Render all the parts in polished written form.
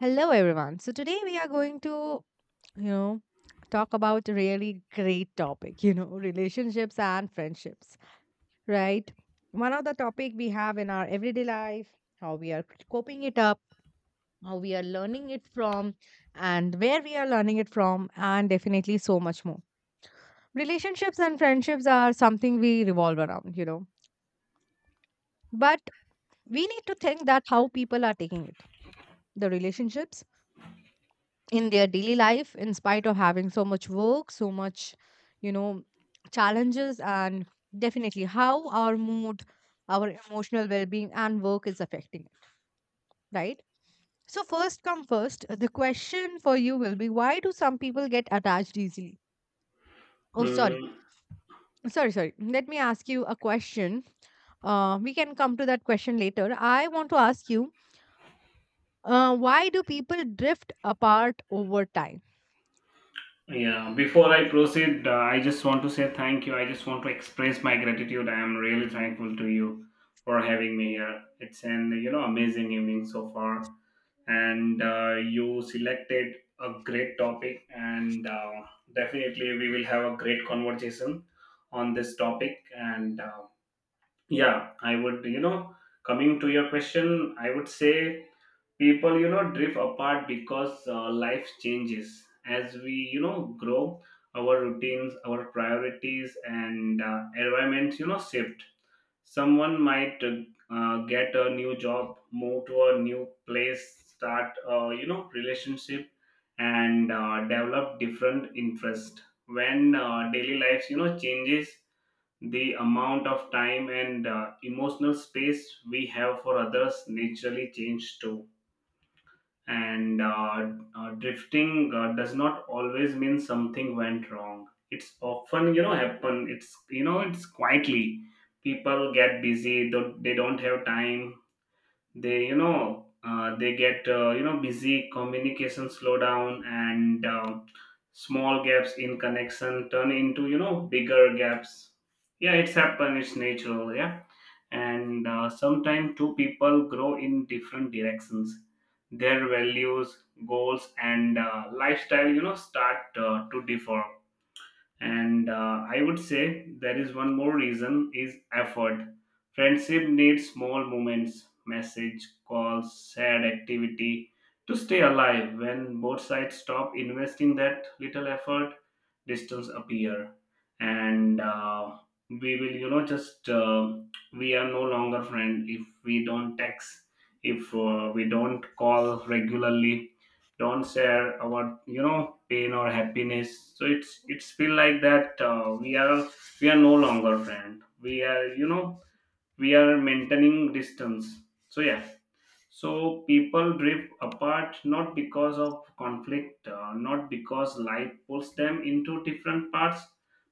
Hello, everyone. So today we are going to, you know, talk about a really great topic, relationships and friendships, right? One of the topic we have in our everyday life, how we are coping it up, how we are learning it from, and where we are learning it from, and definitely so much more. Relationships and friendships are something we revolve around, but we need to think that how people are taking it. The relationships in their daily life in spite of having so much work so much you know challenges, and definitely how our mood, our emotional well-being and work is affecting it, right? So first come first, the question for you will be, why do some people get attached easily? Oh, sorry. Mm, Sorry, let me ask you a question. We can come to that question later. I want to ask you, why do people drift apart over time? yeah, before I proceed, I just want to say thank you. I just want to express my gratitude. I am really thankful to you for having me here. It's an amazing evening so far, and you selected a great topic, and definitely we will have a great conversation on this topic. And yeah, I would coming to your question, I would say people drift apart because life changes as we grow our routines, our priorities, and environments shift. Someone might get a new job, move to a new place, start relationship, and develop different interest. When daily life changes, the amount of time and emotional space we have for others naturally change too. And drifting does not always mean something went wrong. It's often happen, it's it's quietly people get busy, do they don't have time. They they get busy, communication slow down, and small gaps in connection turn into bigger gaps. Yeah, it's happen, it's natural, yeah. And sometimes two people grow in different directions. Their values, goals, and lifestyle start to differ. And I would say there is one more reason is effort. Friendship needs small moments, message, calls, shared activity to stay alive. When both sides stop investing that little effort, distance appear. And we will just we are no longer friend if we don't text, if we don't call regularly, don't share our pain or happiness. So it's feel like that we are, we are no longer friend, we are we are maintaining distance. So yeah, so people drift apart not because of conflict, not because life pulls them into different parts,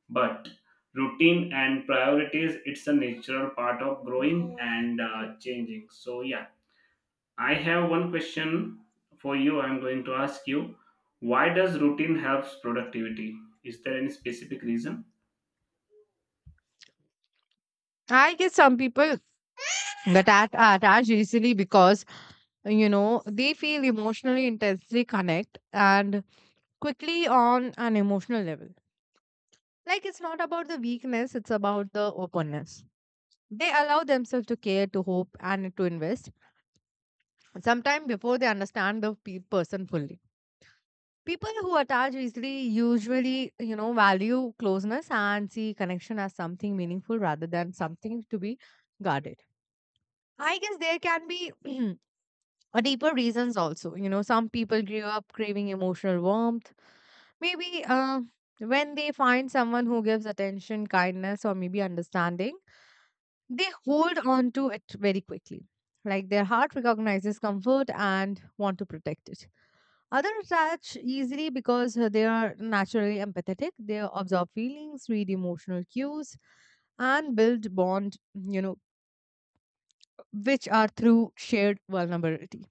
but routine and priorities, it's a natural part of growing and changing, so yeah. I have one question for you. I'm going to ask you, why does routine helps productivity? Is there any specific reason? I guess some people attach easily because, you know, they feel emotionally intensely connect and quickly on an emotional level. Like, it's not about the weakness, it's about the openness. They allow themselves to care, to hope, and to invest sometime before they understand person fully. People who attach easily usually, you know, value closeness and see connection as something meaningful rather than something to be guarded. I guess there can be or deeper reasons also. You know, some people grew up craving emotional warmth. Maybe when they find someone who gives attention, kindness, or maybe understanding, they hold on to it very quickly. Like, their heart recognizes comfort and want to protect it. Others attach easily because they are naturally empathetic. They absorb feelings, read emotional cues, and build bond, you know, which are through shared vulnerability.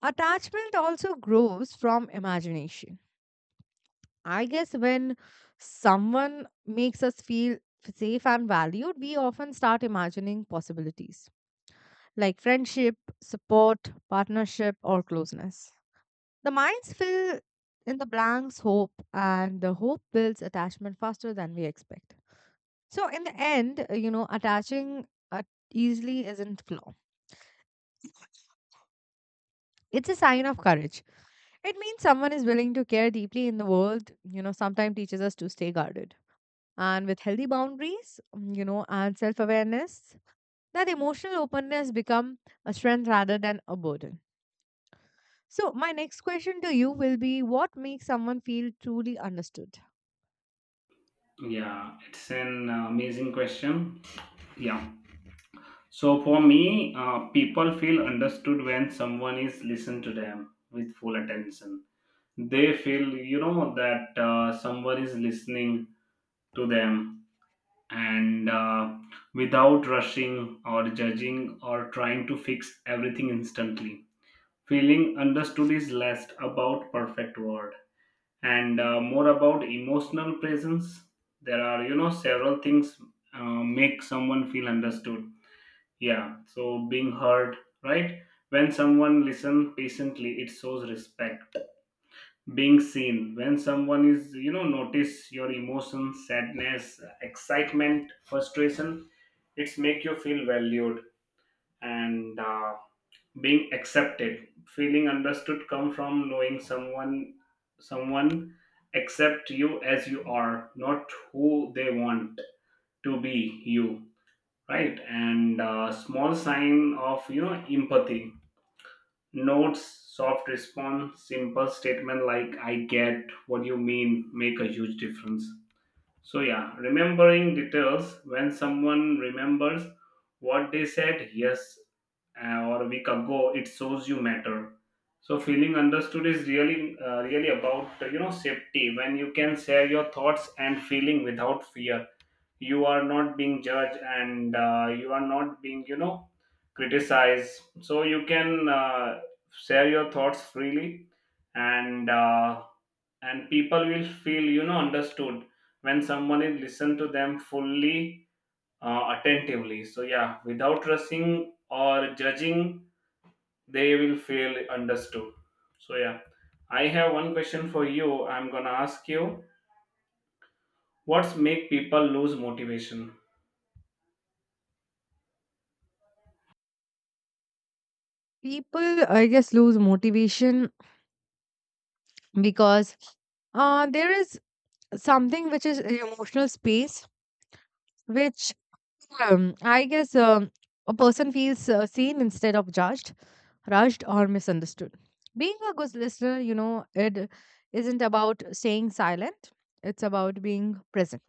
Attachment also grows from imagination. I guess when someone makes us feel safe and valued, we often start imagining possibilities like friendship, support, partnership, or closeness. The minds fill in the blanks hope, and the hope builds attachment faster than we expect. So, in the end, you know, attaching easily isn't flaw. It's a sign of courage. It means someone is willing to care deeply in the world, you know, sometimes teaches us to stay guarded. And with healthy boundaries, you know, and self awareness, that emotional openness become a strength rather than a burden. So, my next question to you will be, what makes someone feel truly understood? Yeah, it's an amazing question. Yeah. So for me, people feel understood when someone is listened to them with full attention. They feel, that someone is listening to them, and without rushing or judging or trying to fix everything instantly. Feeling understood is less about perfect word and more about emotional presence. There are, several things make someone feel understood. Yeah, so being heard, right? When someone listens patiently, it shows respect. Being seen, when someone is, notice your emotions, sadness, excitement, frustration, it's make you feel valued. And being accepted, feeling understood come from knowing someone accept you as you are, not who they want to be you, right? And small sign of empathy, notes, soft response, simple statement like I get what you mean make a huge difference. So, yeah, remembering details when someone remembers what they said yes or a week ago, it shows you matter. So, feeling understood is really, really about safety. When you can share your thoughts and feeling without fear, you are not being judged and you are not being criticized. So you can share your thoughts freely, and uh, and people will feel understood when someone is listen to them fully, attentively. So yeah, without rushing or judging, they will feel understood. So yeah, I have one question for you, I'm gonna ask you, what's make people lose motivation? People, I guess, lose motivation because there is something which is an emotional space which I guess a person feels seen instead of judged, rushed, or misunderstood. Being a good listener, you know, it isn't about staying silent, it's about being present.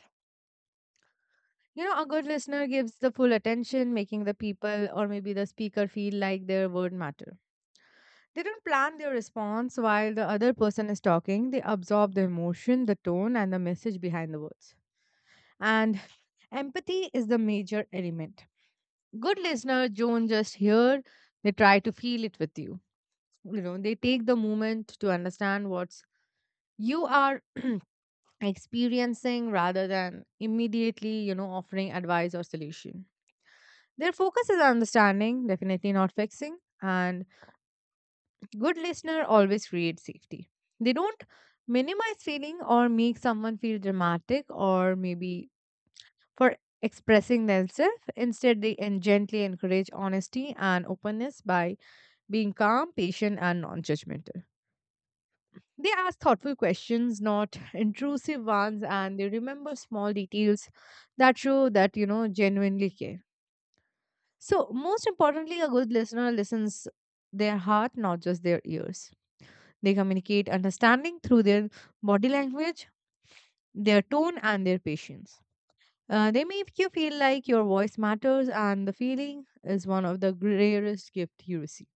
You know, a good listener gives the full attention, making the people or maybe the speaker feel like their word matter. They don't plan their response while the other person is talking, they absorb the emotion, the tone, and the message behind the words. And empathy is the major element good listener Joan just here. They try to feel it with you. You know, they take the moment to understand what's you are experiencing rather than immediately, you know, offering advice or solution. Their focus is understanding, definitely not fixing, and good listener always creates safety. They don't minimize feeling or make someone feel dramatic or maybe for expressing themselves. Instead, gently encourage honesty and openness by being calm, patient, and non judgmental. They ask thoughtful questions, not intrusive ones, and they remember small details that show that, you know, genuinely care. So, most importantly, a good listener listens their heart, not just their ears. They communicate understanding through their body language, their tone, and their patience. They make you feel like your voice matters, and the feeling is one of the rarest gift you receive,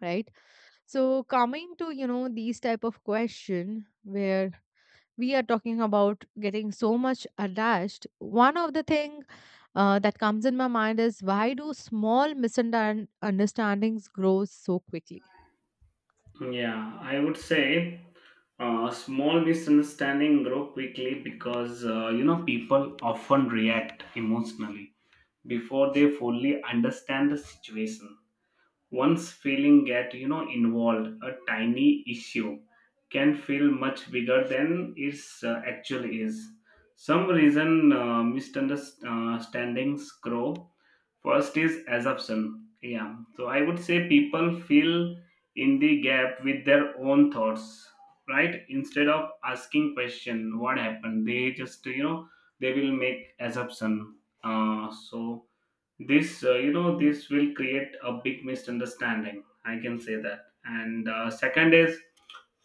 right? So coming to, you know, these type of question where we are talking about getting so much attached, one of the thing that comes in my mind is, why do small misunderstandings grow so quickly? Yeah, I would say small misunderstanding grow quickly because people often react emotionally before they fully understand the situation. Once feeling get involved, a tiny issue can feel much bigger than it actually is. Some reason misunderstandings grow. First is assumption. Yeah, so I would say people feel in the gap with their own thoughts, right? Instead of asking question, what happened? They just they will make assumption. So this this will create a big misunderstanding, I can say that. And second is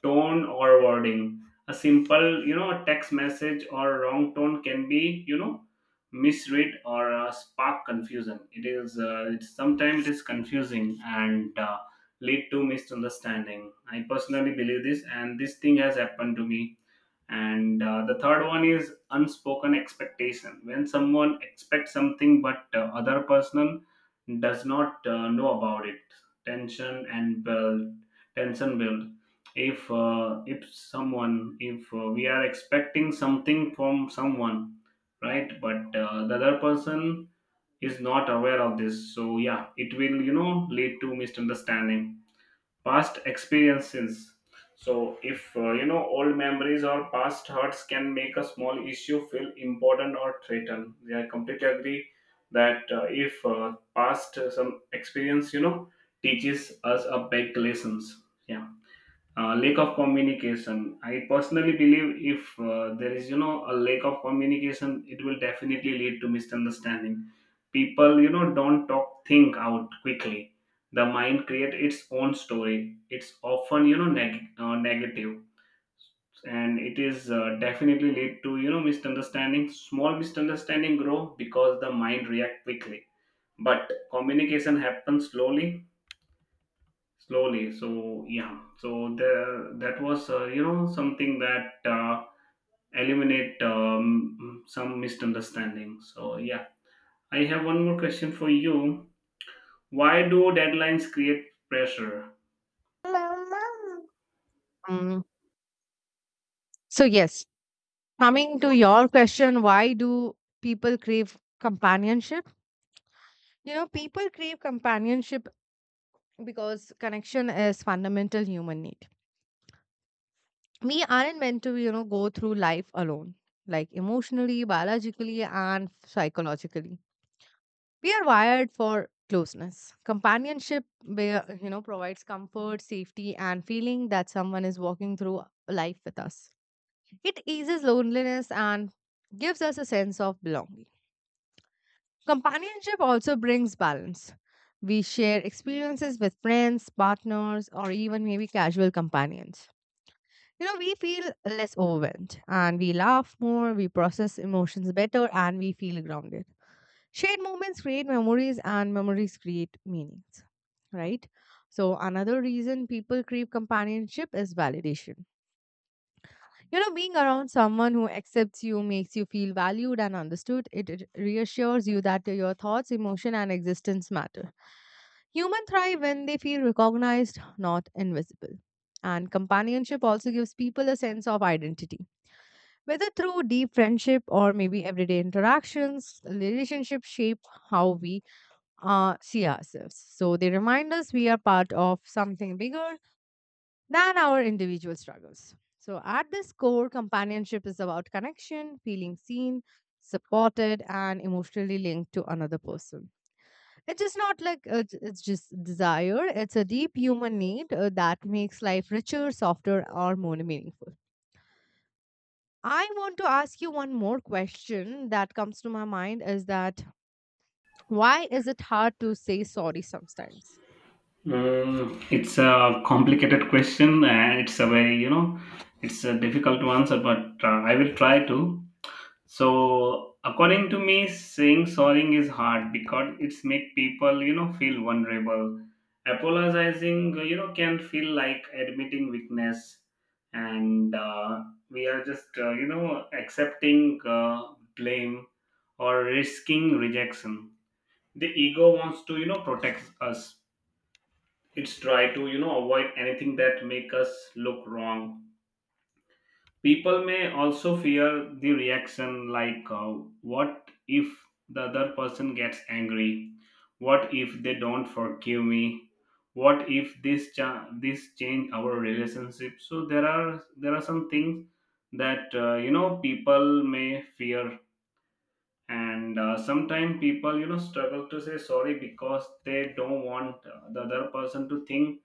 tone or wording. A simple text message or wrong tone can be misread or spark confusion. It is sometimes it is confusing and lead to misunderstanding. I personally believe this, and this thing has happened to me. And the third one is unspoken expectation. When someone expects something but other person does not know about it, tension and build tension build. If if someone if we are expecting something from someone, right, but the other person is not aware of this, so yeah it will lead to misunderstanding. Past experiences, so if old memories or past hurts can make a small issue feel important or threatened. Yeah, I completely agree that if past some experience teaches us a big lessons, yeah. Lack of communication, I personally believe if there is a lack of communication, it will definitely lead to misunderstanding. People don't talk, think out quickly, the mind create its own story. It's often negative, and it is definitely lead to misunderstanding. Small misunderstanding grow because the mind react quickly, but communication happens slowly, slowly. So yeah, so there, that was something that eliminate some misunderstanding, so yeah. I have one more question for you, why do deadlines create pressure? Mm. So, yes, coming to your question, why do people crave companionship? You know, people crave companionship because connection is fundamental human need. We aren't meant to, you know, go through life alone, like emotionally, biologically, and psychologically. We are wired for closeness. Companionship, where, you know, provides comfort, safety, and feeling that someone is walking through life with us. It eases loneliness and gives us a sense of belonging. Companionship also brings balance. We share experiences with friends, partners, or even maybe casual companions. You know, we feel less overwhelmed and we laugh more, we process emotions better, and we feel grounded. Shared moments create memories, and memories create meanings, right? So, another reason people crave companionship is validation. You know, being around someone who accepts you makes you feel valued and understood. It reassures you that your thoughts, emotion, and existence matter. Humans thrive when they feel recognized, not invisible. And companionship also gives people a sense of identity. Whether through deep friendship or maybe everyday interactions, relationships shape how we see ourselves. So they remind us we are part of something bigger than our individual struggles. So, at this core, companionship is about connection, feeling seen, supported, and emotionally linked to another person. It is not like it's just desire, it's a deep human need that makes life richer, softer, or more meaningful. I want to ask you one more question that comes to my mind is that, why is it hard to say sorry sometimes? Mm, it's a complicated question and it's a very it's a difficult to answer, but I will try to. So according to me, saying sorry is hard because it's make people feel vulnerable. Apologizing can feel like admitting weakness, and we are just accepting blame or risking rejection. The ego wants to protect us. It's try to avoid anything that make us look wrong. People may also fear the reaction like, what if the other person gets angry? What if they don't forgive me? What if this change our relationship? So there are, there are some things that people may fear, and sometimes people struggle to say sorry because they don't want the other person to think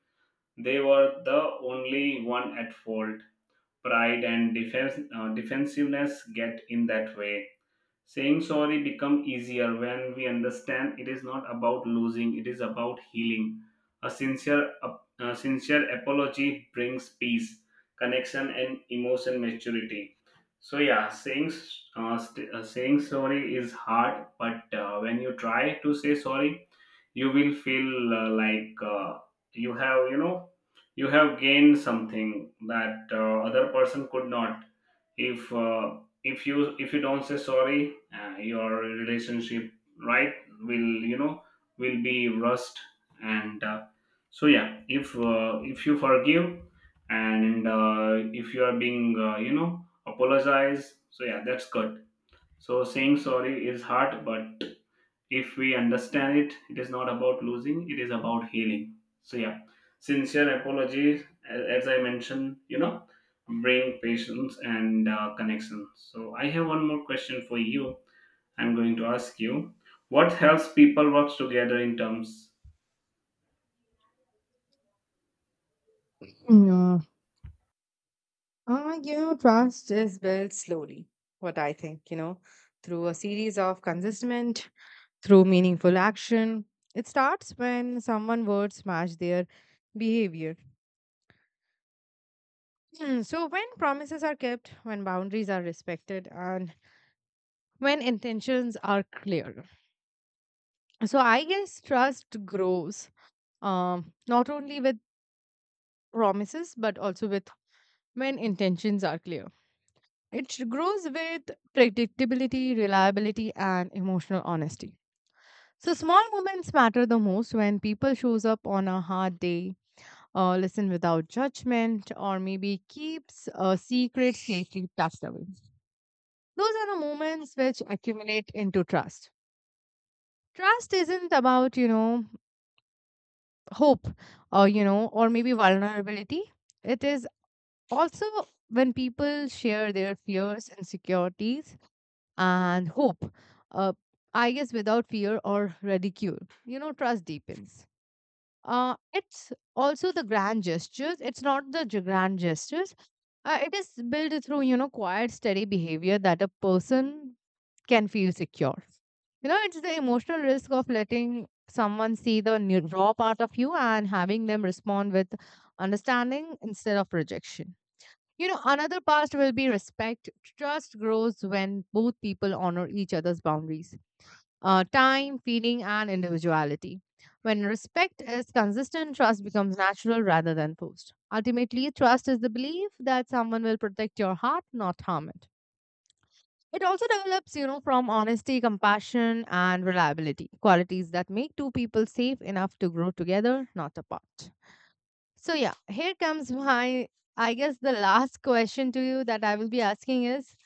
they were the only one at fault. Pride and defense, defensiveness get in that way. Saying sorry become easier when we understand it is not about losing, it is about healing. A sincere, a sincere apology brings peace, connection, and emotion maturity. So yeah, saying sorry is hard, but when you try to say sorry, you will feel you have you have gained something that other person could not. If if you don't say sorry, your relationship, right, will will be rust, and so yeah if you forgive and if you are being apologize, so yeah, that's good. So saying sorry is hard, but if we understand it, it is not about losing, it is about healing. So, yeah, sincere apologies, as I mentioned, bring patience and connection. So, I have one more question for you. I'm going to ask you, what helps people work together in terms. No. You know, trust is built slowly, what I think, you know, through a series of consistent through meaningful action. It starts when someone words match their behavior. Hmm. So, when promises are kept, when boundaries are respected, and when intentions are clear. So, I guess trust grows not only with promises but also with when intentions are clear. It grows with predictability, reliability, and emotional honesty. So, small moments matter the most when people shows up on a hard day, listen without judgment, or maybe keeps a secret safely tucked away. Those are the moments which accumulate into trust. Trust isn't about, you know, hope or, you know, or maybe vulnerability. It is also when people share their fears, insecurities, and hope, uh, I guess without fear or ridicule, you know, trust deepens. It's also the grand gestures, it's not the grand gestures. It is built through, you know, quiet steady behavior that a person can feel secure. You know, it's the emotional risk of letting someone see the new, raw part of you and having them respond with understanding instead of rejection. You know, another part will be respect. Trust grows when both people honor each other's boundaries, time, feeling, and individuality. When respect is consistent, trust becomes natural rather than forced. Ultimately, trust is the belief that someone will protect your heart, not harm it. It also develops, you know, from honesty, compassion, and reliability qualities that make two people safe enough to grow together, not apart. So, yeah, here comes my, I guess, the last question to you that I will be asking is,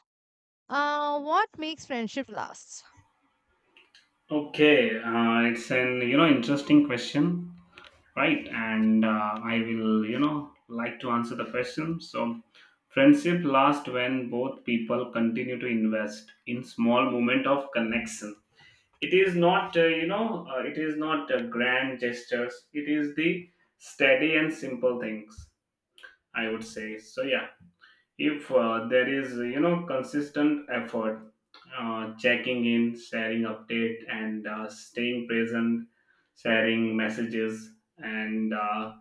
what makes friendship last? Okay, it's an interesting question, right, and I will like to answer the question. So friendship lasts when both people continue to invest in small moment of connection. It is not it is not grand gestures, it is the steady and simple things, I would say. So yeah, if there is consistent effort, checking in, sharing update, and staying present, sharing messages, and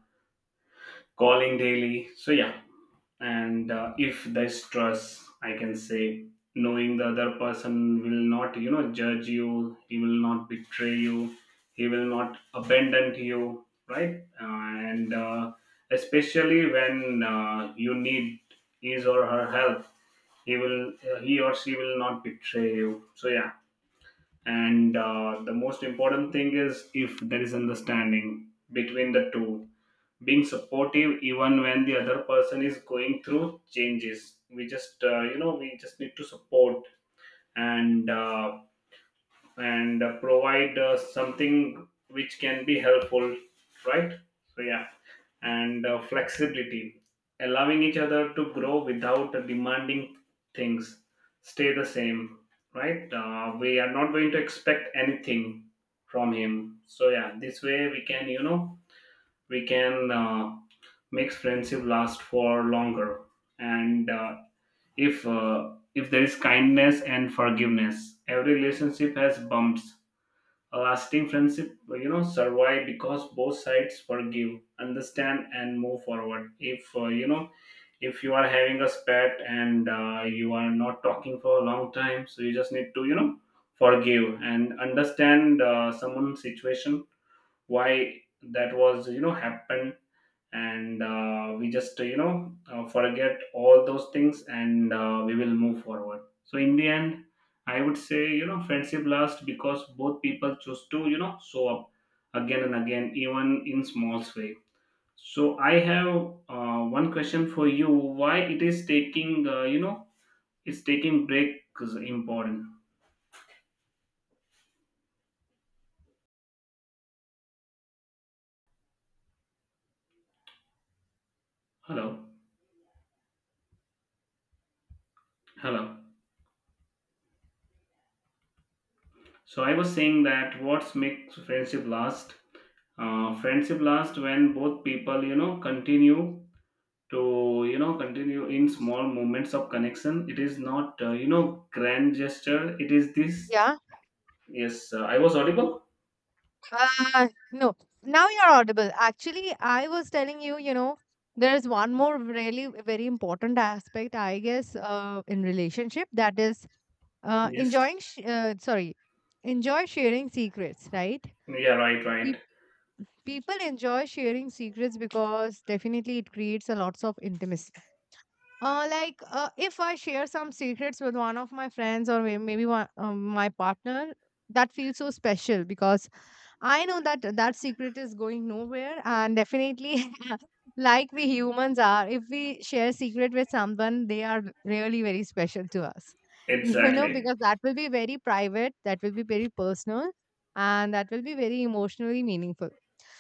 calling daily. So yeah, and if there's trust, I can say, knowing the other person will not judge you, he will not betray you, he will not abandon you, right? And especially when you need his or her help, he will he or she will not betray you. So yeah. And The most important thing is if there is understanding between the two, being supportive even when the other person is going through changes. We just need to support and uh, and provide something which can be helpful, right? So yeah, and flexibility, allowing each other to grow without demanding things stay the same, right? We are not going to expect anything from him. So yeah, this way we can, we can make friendship last for longer. And If there is kindness and forgiveness, every relationship has bumps. A lasting friendship, survive because both sides forgive, understand and move forward. If if you are having a spat and you are not talking for a long time, so you just need to, forgive and understand someone's situation, why that was happened. And We just forget all those things and we will move forward. So in the end, I would say, friendship lasts because both people choose to, show up again and again, even in small way. So I have one question for you. Why it is taking, it's taking breaks important? Hello? Hello? So I was saying, that what makes friendship last? Friendship last when both people, continue to, continue in small moments of connection. It is not, grand gesture. It is this. Yeah. Yes, I was audible. No, now you're audible. Actually, I was telling you, you know, there's one more really very important aspect, I guess, in relationship that is uh, Yes. enjoying, sh- uh, sorry, enjoy sharing secrets, right? Yeah. Right. Pe- Right. People enjoy sharing secrets because definitely it creates a lots of intimacy. Like, if I share some secrets with one of my friends or maybe one, my partner, that feels so special because I know that that secret is going nowhere, and definitely, like we humans are, if we share secret with someone, they are really very special to us. You know, Exactly. because that will be very private, that will be very personal, and that will be very emotionally meaningful.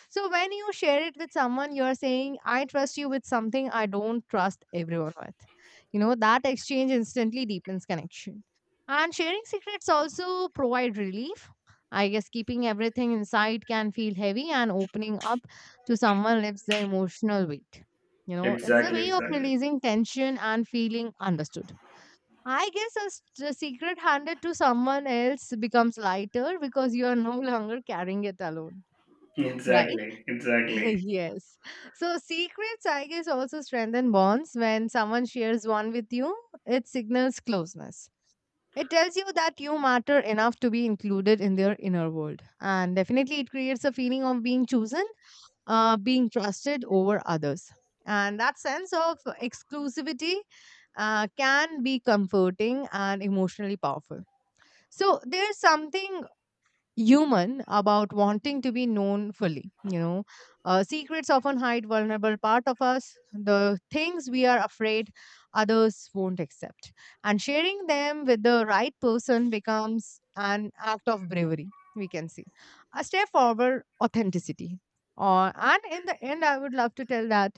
So when you share it with someone, you're saying, I trust you with something I don't trust everyone with. You know, that exchange instantly deepens connection. And sharing secrets also provide relief. I guess keeping everything inside can feel heavy and opening up to someone lifts the emotional weight. You know, it's a Exactly. way of Exactly. releasing tension and feeling understood. I guess the secret handed to someone else becomes lighter because you are no longer carrying it alone, right? Exactly. Exactly. Yes. So secrets, I guess, also strengthen bonds. When someone shares one with you, it signals closeness. It tells you that you matter enough to be included in their inner world. And definitely, it creates a feeling of being chosen, being trusted over others. And that sense of exclusivity can be comforting and emotionally powerful. So, there's something human about wanting to be known fully. Secrets often hide vulnerable part of us, the things we are afraid others won't accept, and sharing them with the right person becomes an act of bravery we can see, a step forward authenticity. Or and in the end I would love to tell that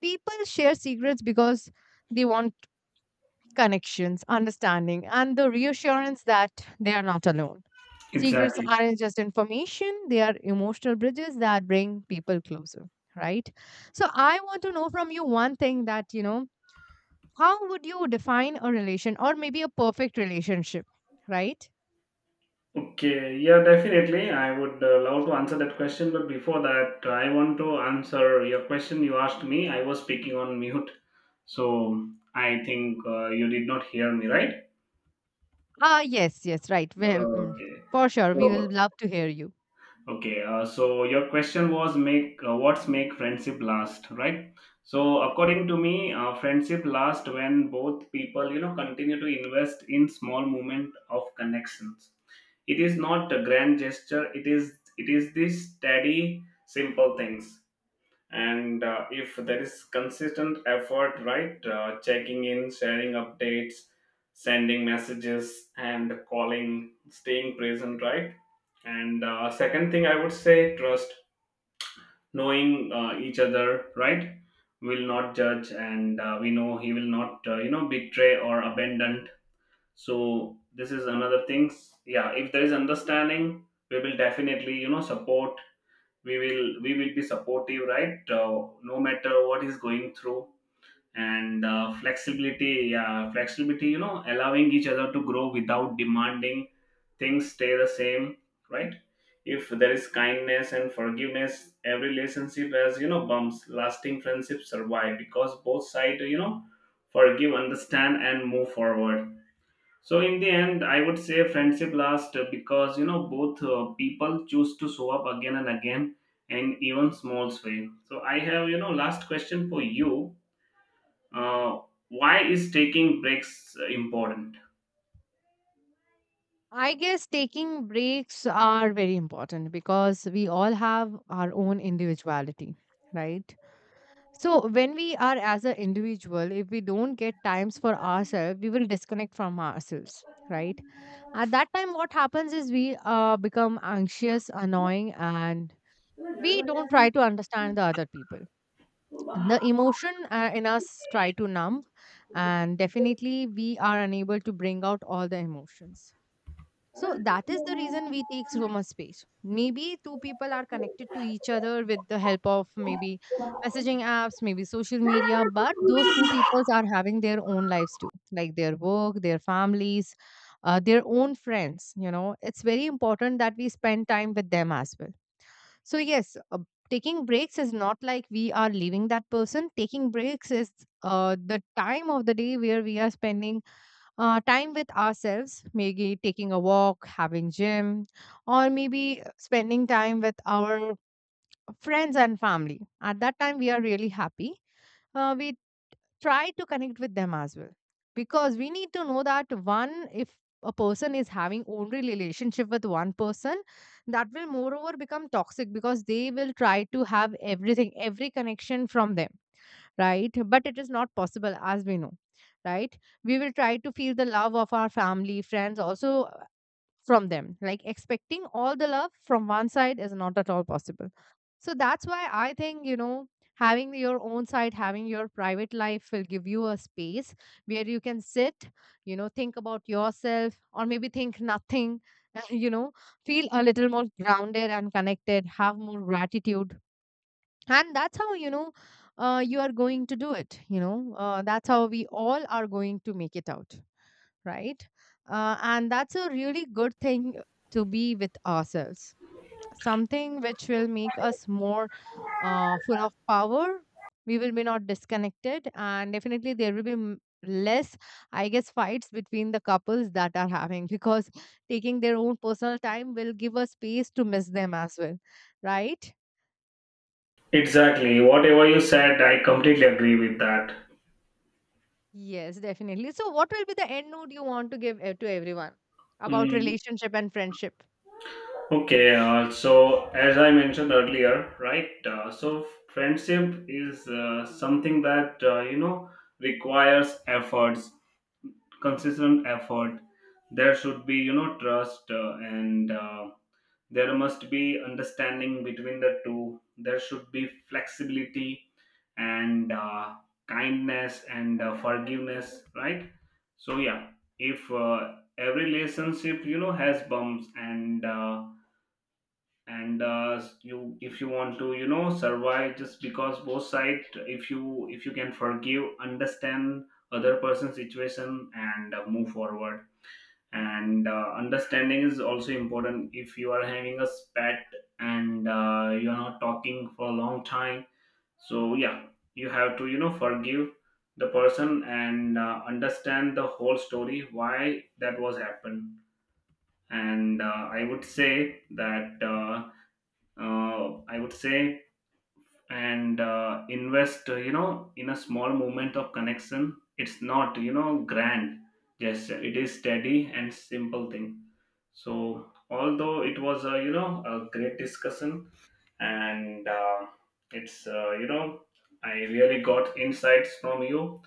people share secrets because they want connections, understanding, and the reassurance that they are not alone. Secrets Exactly. aren't just information, they are emotional bridges that bring people closer, right? So I want to know from you one thing that, how would you define a relation or maybe a perfect relationship, right? Okay, yeah, definitely. I would love to answer that question, but before that, I want to answer your question you asked me. I was speaking on mute, so I think you did not hear me, right? Ah, yes, yes, right. Okay. For sure, we will So love to hear you. okay, uh, so your question was make, what's make friendship last, right? So according to me, friendship lasts when both people, continue to invest in small moment of connections. It is not a grand gesture, it is these steady simple things. And if there is consistent effort, right? Checking in, sharing updates, sending messages and calling, staying present, right? and second thing I would say, trust. Knowing each other, right? Will not judge, and we know he will not, betray or abandon. So this is another thing. Yeah, if there is understanding, we will definitely, support. We will be supportive, right? No matter what is going through. And flexibility. Yeah, flexibility, allowing each other to grow without demanding things stay the same, right? If there is kindness and forgiveness, every relationship has, bumps. Lasting friendships survive because both sides, forgive, understand and move forward. So in the end, I would say friendship lasts because, both people choose to show up again and again, and even small way. So I have, last question for you. Uh, why is taking breaks important? I guess taking breaks are very important because we all have our own individuality, right? So, when we are as an individual, if we don't get times for ourselves, we will disconnect from ourselves, right? At that time, what happens is we become anxious, annoying, and we don't try to understand the other people. The emotion in us try to numb, and definitely we are unable to bring out all the emotions, so that is the reason we take so much space. Maybe two people are connected to each other with the help of maybe messaging apps, maybe social media, but those two peoples are having their own lives too, like their work, their families, their own friends. You know, it's very important that we spend time with them as well. So, yes, taking breaks is not like we are leaving that person. Taking breaks is the time of the day where we are spending time with ourselves, maybe taking a walk, having gym, or maybe spending time with our friends and family. At that time, we are really happy. We try to connect with them as well, because we need to know that one, if a person is having only relationship with one person, that will moreover become toxic because they will try to have everything, every connection from them, right? But it is not possible, as we know, right? We will try to feel the love of our family, friends, also from them. Like expecting all the love from one side is not at all possible. So that's why I think, you know, having your own side, having your private life will give you a space where you can sit, you know, think about yourself or maybe think nothing, you know, feel a little more grounded and connected, have more gratitude, and that's how you are going to do it, that's how we all are going to make it out, right? And that's a really good thing to be with ourselves, something which will make us more full of power. We will be not disconnected, and definitely there will be less, I guess, fights between the couples that are having, because taking their own personal time will give us space to miss them as well, right? Exactly. Whatever you said, I completely agree with that. Yes, definitely. So, what will be the end note you want to give to everyone about Mm, relationship and friendship? okay, so as I mentioned earlier, right? So friendship is something that, requires efforts, consistent effort. There should be, trust, and there must be understanding between the two. There should be flexibility and kindness and forgiveness, right? So yeah, if every relationship, has bumps, and you, if you want to, survive just because both side, if you, if you can forgive, understand other person's situation and move forward. And understanding is also important. If you are having a spat and you're not talking for a long time, so yeah, you have to, forgive the person and understand the whole story, why that was happened. And I would say that I would say, and invest, in a small moment of connection. It's not, grand gesture. It is steady and simple thing. So, although it was, a great discussion, and it's, you know, I really got insights from you,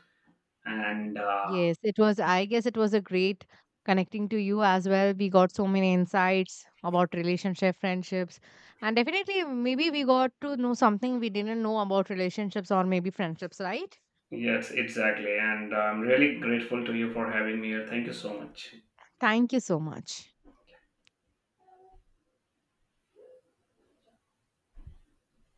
and Yes, it was, I guess it was a great connecting to you as well. We got so many insights about relationship, friendships, and definitely maybe we got to know something we didn't know about relationships or maybe friendships, right? yes, exactly. And I'm really grateful to you for having me here. Thank you so much. Thank you so much.